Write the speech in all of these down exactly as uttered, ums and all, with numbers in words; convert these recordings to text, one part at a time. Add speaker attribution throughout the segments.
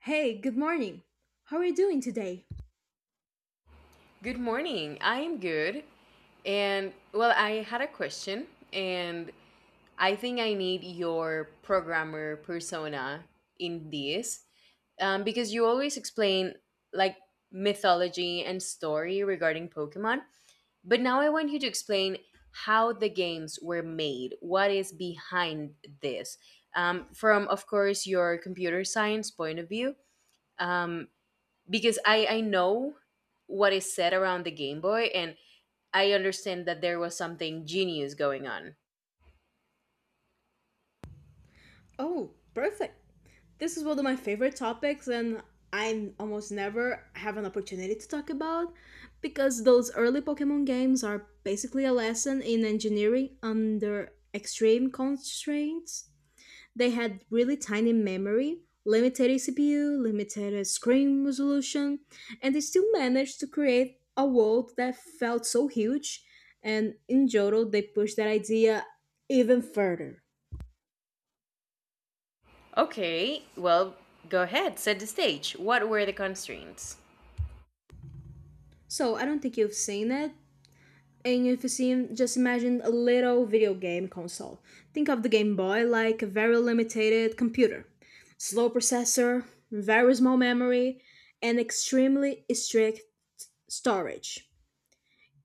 Speaker 1: Hey, good morning. How are you doing today?
Speaker 2: Good morning. I am good. And well, I had a question, and I think I need your programmer persona in this, um, because you always explain, like, mythology and story regarding Pokemon. But now I want you to explain how the games were made, what is behind this. Um, from, of course, your computer science point of view, um, because I I know what is said around the Game Boy and I understand that there was something genius going on.
Speaker 1: Oh, perfect. This is one of my favorite topics, and I almost never have an opportunity to talk about because those early Pokemon games are basically a lesson in engineering under extreme constraints. They had really tiny memory, limited C P U, limited screen resolution, and they still managed to create a world that felt so huge. And in Johto, they pushed that idea even further.
Speaker 2: Okay, well, go ahead, set the stage. What were the constraints?
Speaker 1: So I don't think you've seen it. And if you see, seen, just imagine a little video game console. Think of the Game Boy like a very limited computer. Slow processor, very small memory, and extremely strict storage.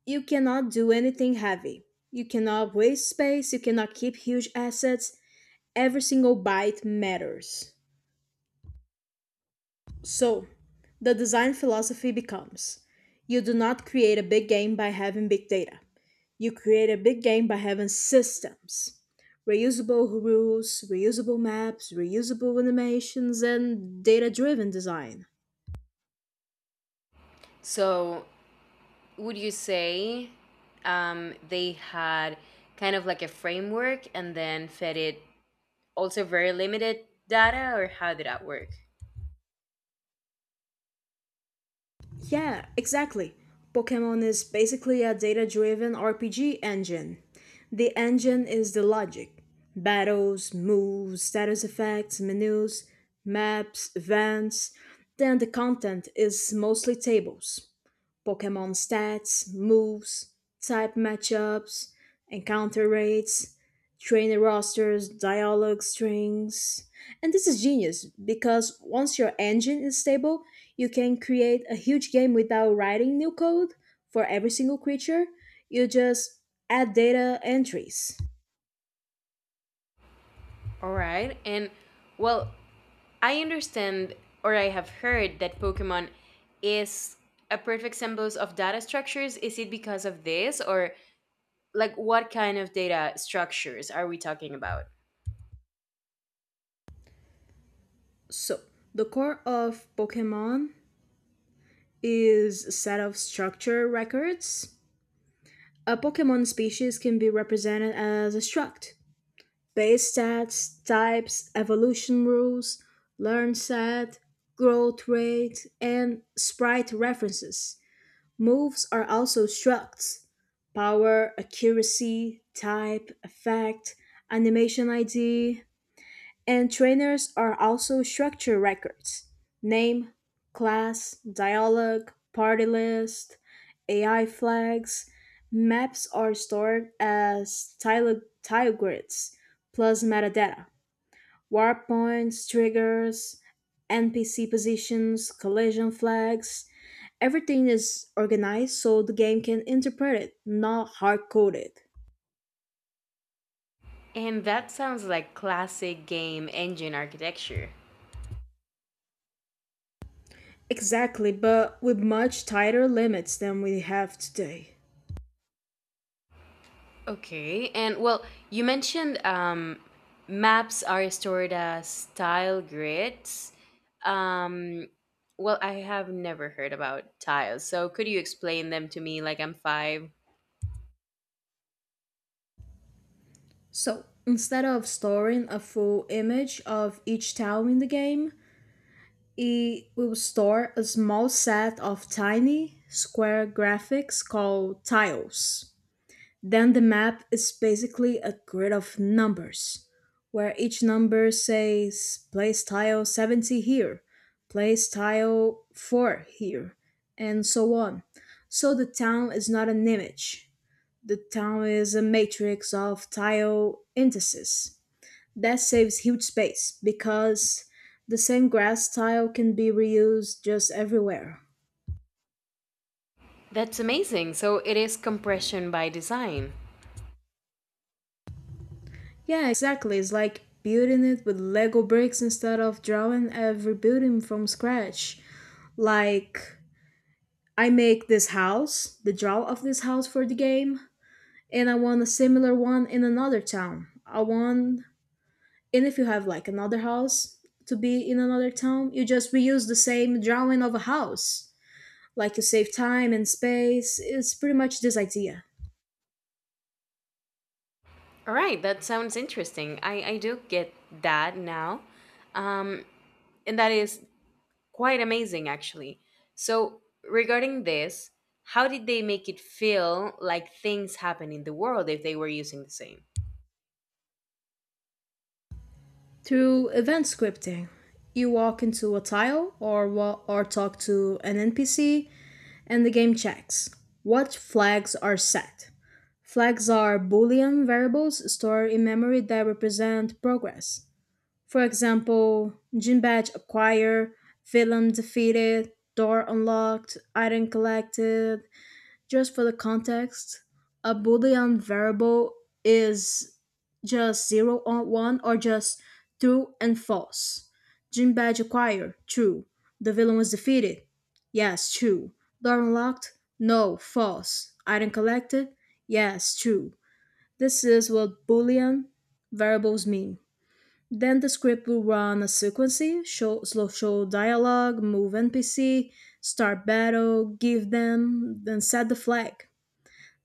Speaker 1: You cannot do anything heavy. You cannot waste space. You cannot keep huge assets. Every single byte matters. So, the design philosophy becomes you do not create a big game by having big data. You create a big game by having systems reusable rules, reusable maps, reusable animations, and data driven design.
Speaker 2: So, would you say um, they had kind of like a framework and then fed it also very limited data, or how did that work?
Speaker 1: Yeah, exactly. Pokemon is basically a data driven R P G engine. The engine is the logic battles, moves, status effects, menus, maps, events. Then the content is mostly tables. Pokemon stats, moves, type matchups, encounter rates, trainer rosters, dialogue strings. And this is genius because once your engine is stable, you can create a huge game without writing new code for every single creature. You just add data entries.
Speaker 2: All right, and well, I understand or I have heard that Pokemon is a perfect symbols of data structures. Is it because of this or like what kind of data structures are we talking about?
Speaker 1: So, the core of Pokemon is a set of structure records. A Pokemon species can be represented as a struct, base stats, types, evolution rules, learn set, growth rate, and sprite references. Moves are also structs. Power, accuracy, type, effect, animation I D, and trainers are also structure records name, class, dialogue, party list, A I flags. Maps are stored as tile, tile grids plus metadata, warp points, triggers, N P C positions, collision flags. Everything is organized so the game can interpret it, not hard coded.
Speaker 2: And that sounds like classic game engine architecture.
Speaker 1: Exactly, but with much tighter limits than we have today.
Speaker 2: Okay, and well, you mentioned um, maps are stored as tile grids. Um, well, I have never heard about tiles, so could you explain them to me like I'm five?
Speaker 1: So instead of storing a full image of each town in the game, it will store a small set of tiny square graphics called tiles. Then the map is basically a grid of numbers, where each number says place tile seventy here, place tile four here, and so on. So the town is not an image. The town is a matrix of tile indices that saves huge space because the same grass tile can be reused just everywhere.
Speaker 2: That's amazing. So it is compression by design.
Speaker 1: Yeah, exactly. It's like building it with Lego bricks instead of drawing every building from scratch. Like, I make this house, the draw of this house for the game, and I want a similar one in another town. I want, and if you have like another house to be in another town, you just reuse the same drawing of a house like you save time and space, it's pretty much this idea.
Speaker 2: All right, that sounds interesting. I, I do get that now. Um, and that is quite amazing, actually. So, regarding this, how did they make it feel like things happen in the world if they were using the same?
Speaker 1: Through event scripting, you walk into a tile or wa- or talk to an N P C and the game checks what flags are set. Flags are boolean variables stored in memory that represent progress. For example, gym badge acquired, villain defeated, door unlocked, item collected, just for the context, a Boolean variable is just zero or one or just true and false. Gym badge acquired, true. The villain was defeated, yes, true. Door unlocked, no, false. Item collected, yes, true. This is what Boolean variables mean. Then the script will run a sequence, show, slow show dialogue, move N P C, start battle, give them, then set the flag.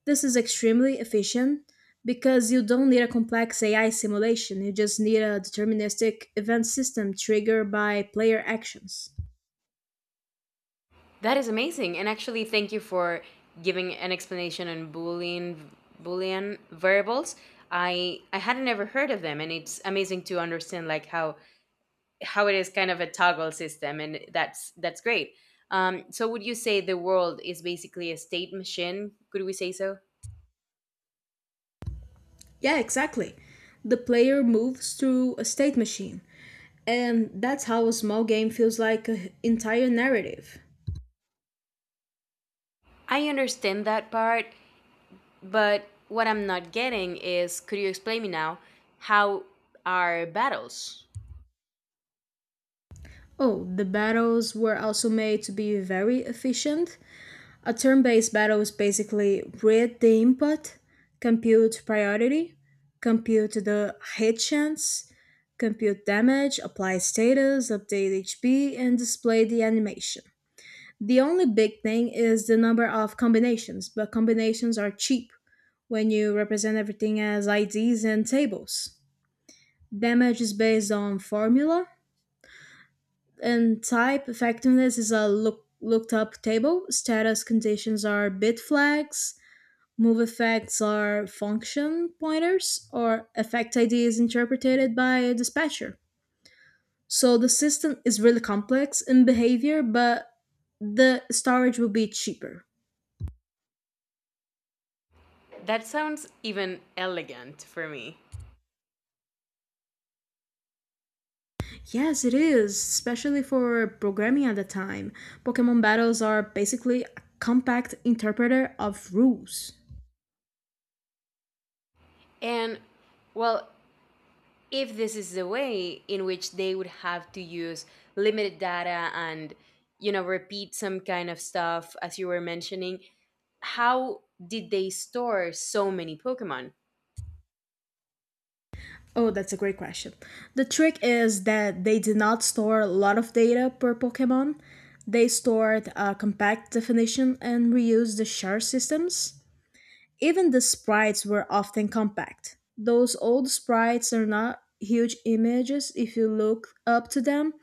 Speaker 1: This is extremely efficient because you don't need a complex A I simulation, you just need a deterministic event system triggered by player actions.
Speaker 2: That is amazing. And actually, thank you for giving an explanation on Boolean Boolean variables. I I hadn't ever heard of them, and it's amazing to understand like how how it is kind of a toggle system and that's that's great. Um, so would you say the world is basically a state machine, could we say so?
Speaker 1: Yeah, exactly. The player moves through a state machine, and that's how a small game feels like an entire narrative.
Speaker 2: I understand that part, but what I'm not getting is, could you explain me now how are battles?
Speaker 1: Oh, the battles were also made to be very efficient. A turn based battle is basically read the input, compute priority, compute the hit chance, compute damage, apply status, update H P, and display the animation. The only big thing is the number of combinations, but combinations are cheap when you represent everything as I Ds and tables. Damage is based on formula, and type effectiveness is a look, looked up table. Status conditions are bit flags, move effects are function pointers or effect I Ds interpreted by a dispatcher. So the system is really complex in behavior, but the storage will be cheaper.
Speaker 2: That sounds even elegant for me.
Speaker 1: Yes, it is, especially for programming at the time. Pokemon battles are basically a compact interpreter of rules.
Speaker 2: And, well, if this is the way in which they would have to use limited data and, you know, repeat some kind of stuff as you were mentioning, how did they store so many Pokemon?
Speaker 1: Oh, that's a great question. The trick is that they did not store a lot of data per Pokemon. They stored a compact definition and reused the shard systems. Even the sprites were often compact. Those old sprites are not huge images if you look up to them.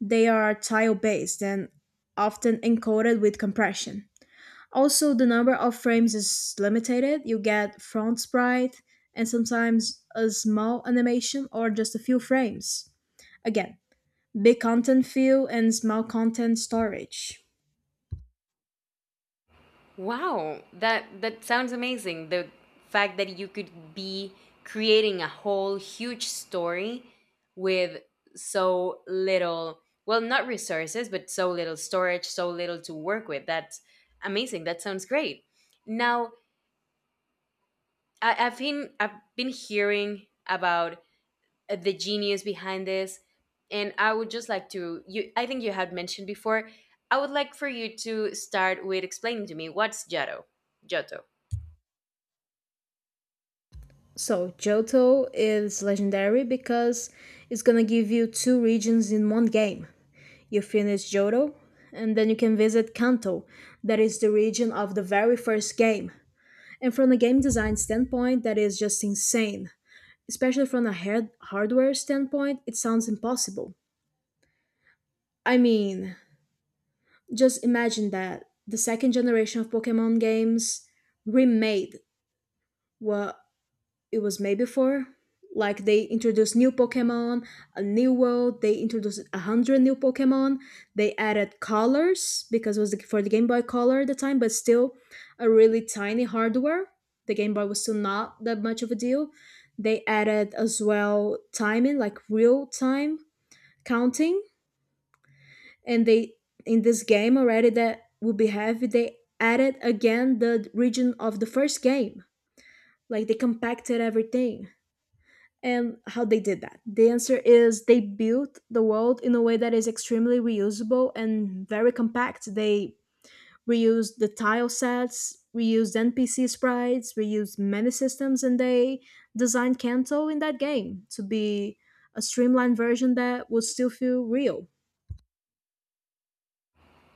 Speaker 1: They are tile based and often encoded with compression. Also, the number of frames is limited. You get front sprite and sometimes a small animation or just a few frames. Again, big content fill and small content storage.
Speaker 2: Wow, that that sounds amazing. The fact that you could be creating a whole huge story with so little, well, not resources, but so little storage, so little to work with. That's amazing. That sounds great. Now, I, I've been I've been hearing about uh, the genius behind this. And I would just like to you, I think you had mentioned before, I would like for you to start with explaining to me what's Giotto. Giotto.
Speaker 1: So, Johto is legendary because it's gonna give you two regions in one game. You finish Johto, and then you can visit Kanto, that is the region of the very first game. And from a game design standpoint, that is just insane. Especially from a hard- hardware standpoint, it sounds impossible. I mean, just imagine that the second generation of Pokemon games remade what it was made before. Like they introduced new Pokemon, a new world. They introduced a hundred new Pokemon. They added colors because it was the, for the Game Boy Color at the time, but still a really tiny hardware. The Game Boy was still not that much of a deal. They added as well timing, like real time counting, and they in this game already that would be heavy, they added again the region of the first game. Like they compacted everything. And how they did that, the answer is they built the world in a way that is extremely reusable and very compact. They reused the tile sets, reused NPC sprites, reused many systems, and they designed Kanto in that game to be a streamlined version that would still feel real.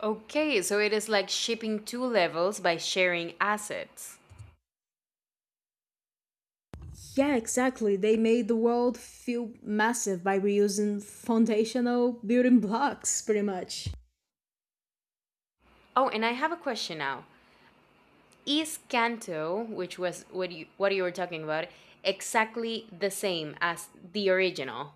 Speaker 2: Okay, so it is like shipping two levels by sharing assets.
Speaker 1: Yeah, exactly. They made the world feel massive by reusing foundational building blocks, pretty much.
Speaker 2: Oh, and I have a question now. Is Kanto, which was what you what you were talking about, exactly the same as the original?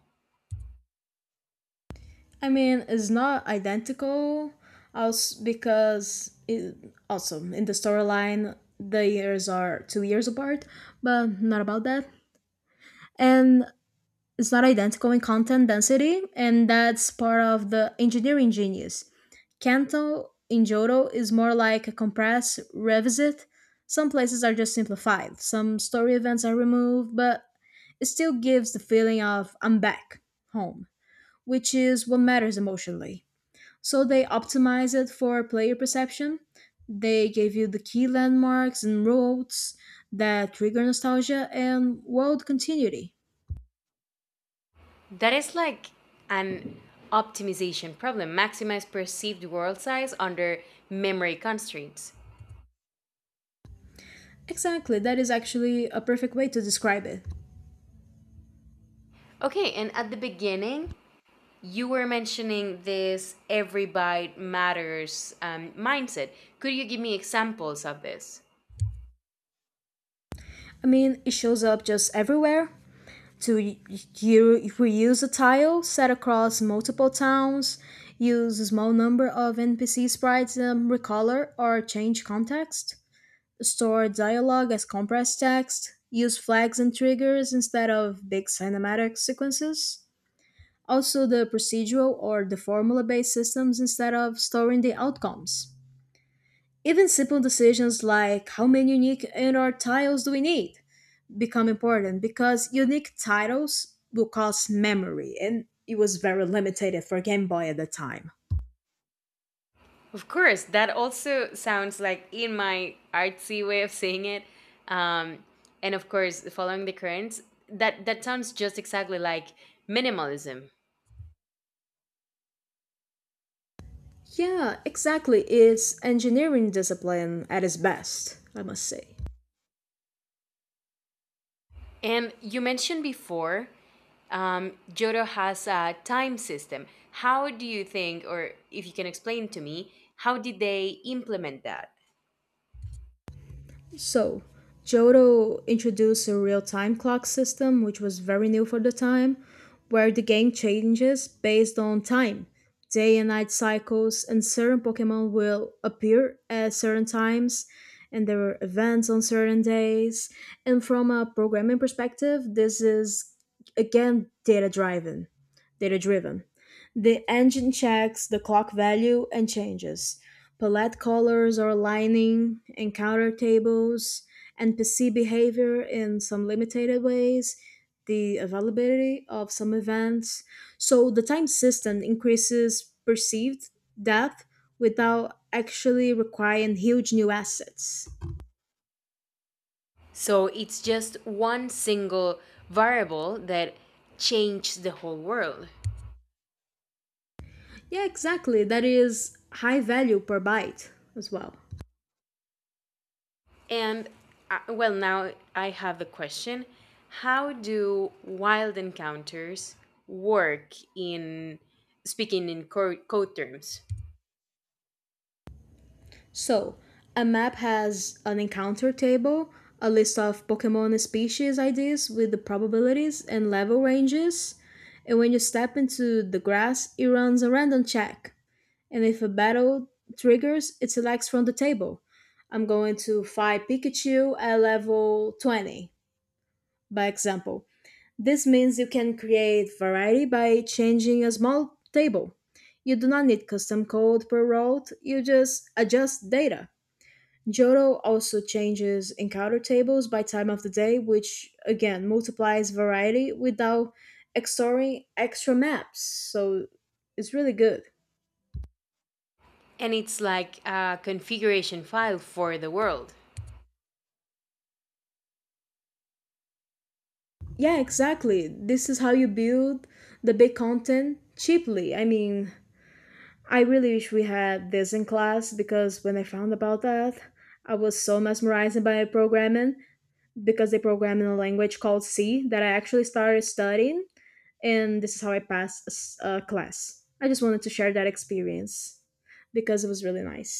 Speaker 1: I mean, it's not identical, also because it, also in the storyline the years are two years apart, but not about that. And it's not identical in content density, and that's part of the engineering genius. Kanto in Johto is more like a compress, revisit. Some places are just simplified, some story events are removed, but it still gives the feeling of I'm back home, which is what matters emotionally. So they optimize it for player perception. They gave you the key landmarks and roads that trigger nostalgia and world continuity.
Speaker 2: That is like an optimization problem. Maximize perceived world size under memory constraints.
Speaker 1: Exactly, that is actually a perfect way to describe it.
Speaker 2: Okay, and at the beginning, you were mentioning this every bite matters um, mindset. Could you give me examples of this?
Speaker 1: I mean, it shows up just everywhere. To y- you reuse a tile set across multiple towns, use a small number of N P C sprites and recolor or change context, store dialogue as compressed text, use flags and triggers instead of big cinematic sequences. Also, the procedural or the formula based systems instead of storing the outcomes. Even simple decisions like how many unique N R titles do we need become important because unique titles will cost memory and it was very limited for Game Boy at the time.
Speaker 2: Of course, that also sounds like in my artsy way of saying it. Um, and of course, following the currents, that, that sounds just exactly like minimalism.
Speaker 1: Yeah, exactly. It's engineering discipline at its best, I must say.
Speaker 2: And you mentioned before, um, Jodo has a time system. How do you think, or if you can explain to me, how did they implement that?
Speaker 1: So, Johto introduced a real time clock system, which was very new for the time, where the game changes based on time. Day and night cycles and certain Pokemon will appear at certain times, and there are events on certain days. And from a programming perspective, this is again data driven. Data driven. The engine checks the clock value and changes. Palette colors or lining, encounter tables, N P C behavior in some limited ways, the availability of some events. So the time system increases perceived depth without actually requiring huge new assets.
Speaker 2: So it's just one single variable that changed the whole world.
Speaker 1: Yeah, exactly. That is high value per byte as well.
Speaker 2: And, uh, well, now I have a question. How do wild encounters work in, speaking in co- code terms?
Speaker 1: So, a map has an encounter table, a list of Pokemon species I Ds with the probabilities and level ranges, and when you step into the grass, it runs a random check. And if a battle triggers, it selects from the table. I'm going to fight Pikachu at level twenty, by example. This means you can create variety by changing a small table. You do not need custom code per route, you just adjust data. Johto also changes encounter tables by time of the day, which again multiplies variety without extorting extra maps. So it's really good.
Speaker 2: And it's like a configuration file for the world.
Speaker 1: Yeah, exactly. This is how you build the big content cheaply. I mean, I really wish we had this in class because when I found about that, I was so mesmerized by programming because they program in a language called C that I actually started studying and this is how I passed a s- a class. I just wanted to share that experience because it was really nice.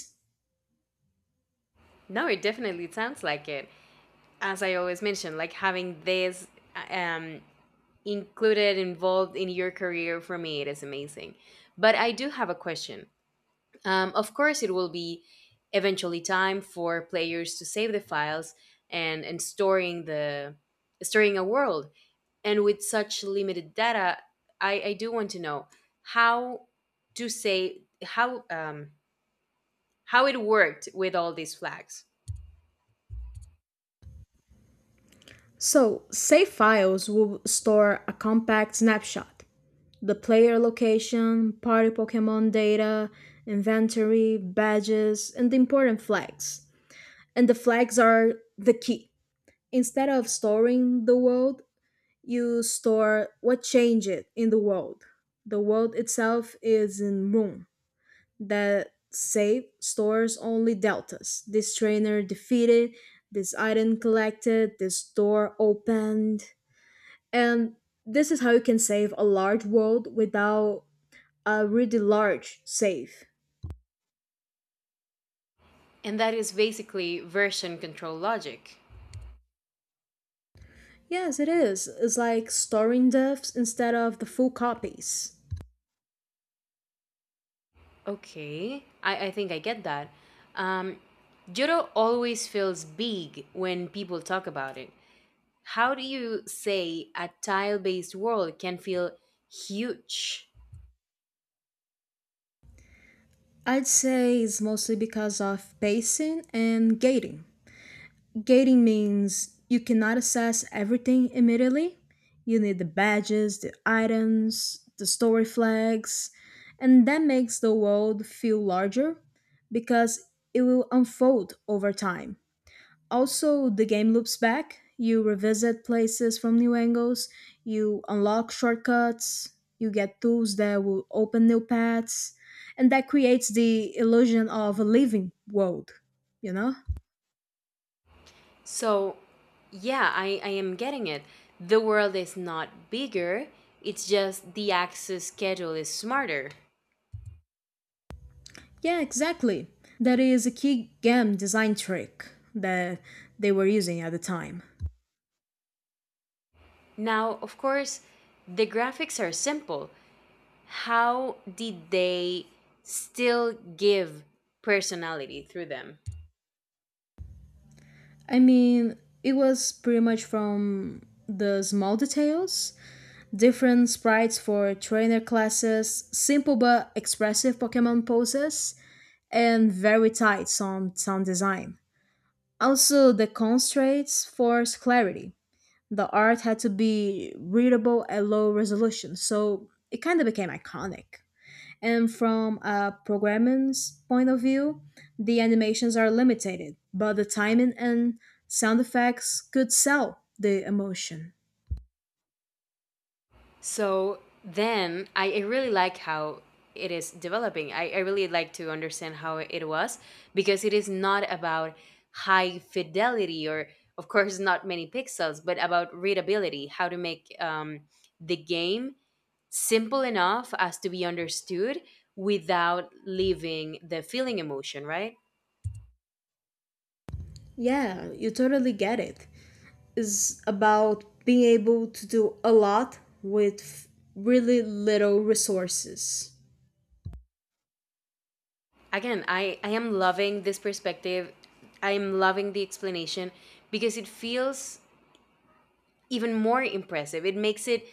Speaker 2: No, it definitely sounds like it. As I always mention, like having this um, included, involved in your career, for me it is amazing, but I do have a question. Um, of course, it will be eventually time for players to save the files and and storing the storing a world, and with such limited data, i i do want to know how to say how, um how it worked with all these flags.
Speaker 1: So, save files will store a compact snapshot, the player location, party Pokemon data, inventory, badges, and the important flags. And the flags are the key. Instead of storing the world, you store what changed in the world. The world itself is in room that save stores only deltas. This trainer defeated, this item collected, this door opened. And this is how you can save a large world without a really large save.
Speaker 2: And that is basically version control logic.
Speaker 1: Yes, it is. It's like storing diffs instead of the full copies.
Speaker 2: Okay, I, I think I get that. Um, Judo always feels big when people talk about it. How do you say a tile based world can feel huge?
Speaker 1: I'd say it's mostly because of pacing and gating. Gating means you cannot access everything immediately. You need the badges, the items, the story flags, and that makes the world feel larger because it will unfold over time. Also, the game loops back. You revisit places from new angles, you unlock shortcuts, you get tools that will open new paths, and that creates the illusion of a living world, you know?
Speaker 2: So, yeah, I, I am getting it. The world is not bigger, it's just the access schedule is smarter.
Speaker 1: Yeah, exactly. That is a key game design trick that they were using at the time.
Speaker 2: Now, of course, the graphics are simple. How did they still give personality through them?
Speaker 1: I mean, it was pretty much from the small details, different sprites for trainer classes, simple but expressive Pokemon poses, and very tight sound, sound design. Also, the constraints forced clarity. The art had to be readable at low resolution, so it kind of became iconic. And from a programming's point of view, the animations are limited, but the timing and sound effects could sell the emotion.
Speaker 2: So then I, I really like how it is developing. I, I really like to understand how it was, because it is not about high fidelity or, of course, not many pixels, but about readability, how to make um, the game simple enough as to be understood without leaving the feeling emotion, right?
Speaker 1: Yeah, you totally get it. It's about being able to do a lot with really little resources.
Speaker 2: Again, I, I am loving this perspective. I am loving the explanation because it feels even more impressive. It makes it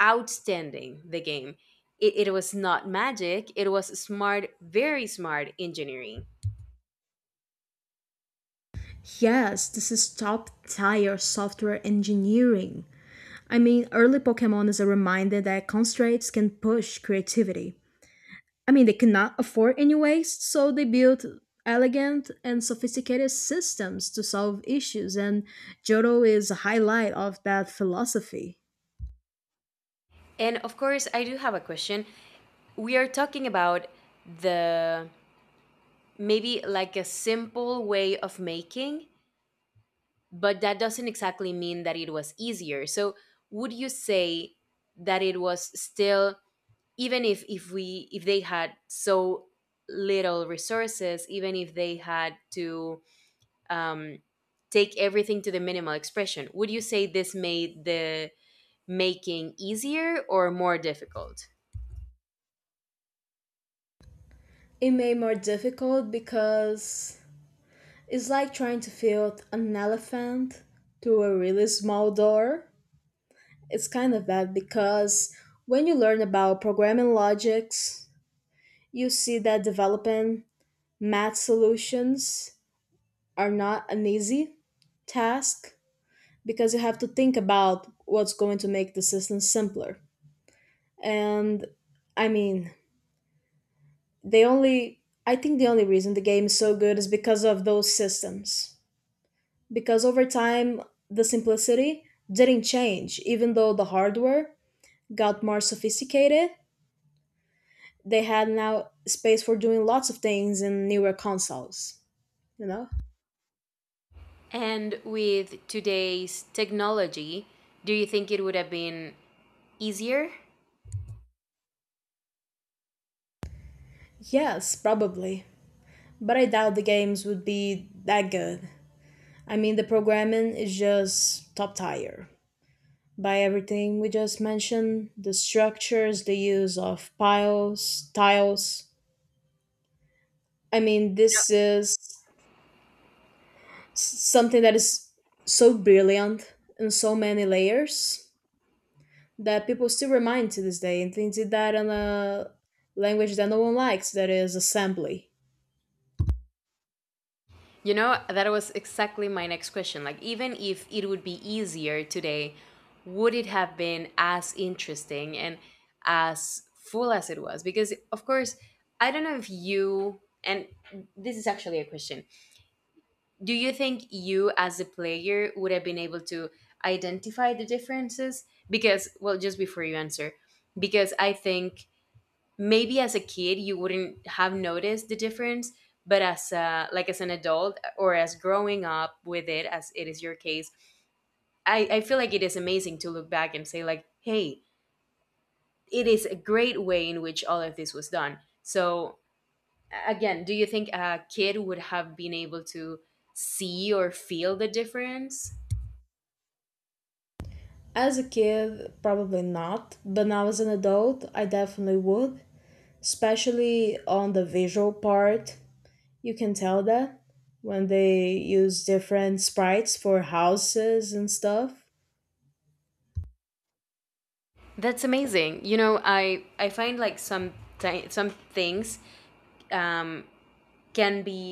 Speaker 2: outstanding the game. It, it was not magic, it was smart, very smart engineering.
Speaker 1: Yes, this is top tier software engineering. I mean, early Pokemon is a reminder that constraints can push creativity. I mean, they cannot afford any waste, so they built elegant and sophisticated systems to solve issues, and Johto is a highlight of that philosophy.
Speaker 2: And of course, I do have a question. We are talking about the maybe like a simple way of making, but that doesn't exactly mean that it was easier. So, would you say that it was still, even if if we, if they had so little resources, even if they had to um, take everything to the minimal expression. Would you say this made the making easier or more difficult?
Speaker 1: It made more difficult because it's like trying to fit an elephant through a really small door. It's kind of bad because when you learn about programming logics, you see that developing math solutions are not an easy task because you have to think about what's going to make the system simpler. And I mean, the only I think the only reason the game is so good is because of those systems. Because over time the simplicity didn't change even though the hardware got more sophisticated, they had now space for doing lots of things in newer consoles, you know?
Speaker 2: And with today's technology, do you think it would have been easier?
Speaker 1: Yes, probably. But I doubt the games would be that good. I mean, the programming is just top tier. By everything we just mentioned, the structures, the use of piles tiles. I mean, this is s- something that is so brilliant in so many layers that people still remind to this day, and they did that in a language that no one likes, that is assembly.
Speaker 2: You know, that was exactly my next question. Like, even if it would be easier today, would it have been as interesting and as full as it was? Because, of course, I don't know if you, and this is actually a question, do you think you as a player would have been able to identify the differences? Because, well, just before you answer, because I think maybe as a kid you wouldn't have noticed the difference, but as a, like as an adult or as growing up with it as it is your case, I, I feel like it is amazing to look back and say like hey, it is a great way in which all of this was done. So a- again, do you think a kid would have been able to see or feel the difference?
Speaker 1: As a kid, probably not, but now as an adult, I definitely would, especially on the visual part. You can tell that when they use different sprites for houses and stuff.
Speaker 2: That's amazing. You know, I I find like some thi- some things um, can be,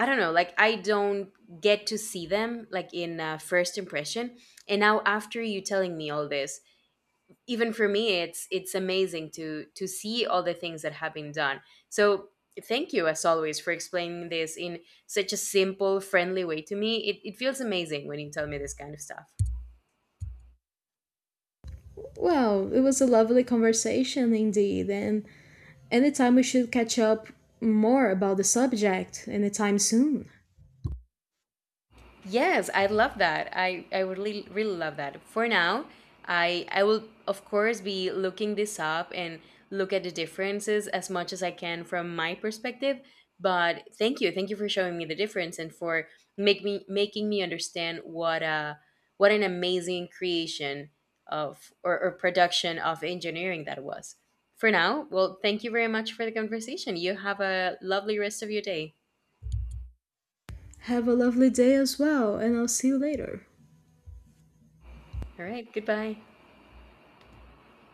Speaker 2: I don't know. Like I don't get to see them like in uh, first impression, and now after you telling me all this, even for me, it's it's amazing to to see all the things that have been done. So thank you as always for explaining this in such a simple, friendly way to me. It it feels amazing when you tell me this kind of stuff.
Speaker 1: Well, it was a lovely conversation indeed, and anytime we should catch up more about the subject anytime soon.
Speaker 2: Yes, I love that. I, I would really, really love that. For now, I I will of course be looking this up and look at the differences as much as I can from my perspective. But thank you, thank you for showing me the difference and for make me making me understand what a what an amazing creation of, or, or production of engineering that was. For now, well, thank you very much for the conversation. You have a lovely rest of your day.
Speaker 1: Have a lovely day as well, and I'll see you later.
Speaker 2: All right, goodbye.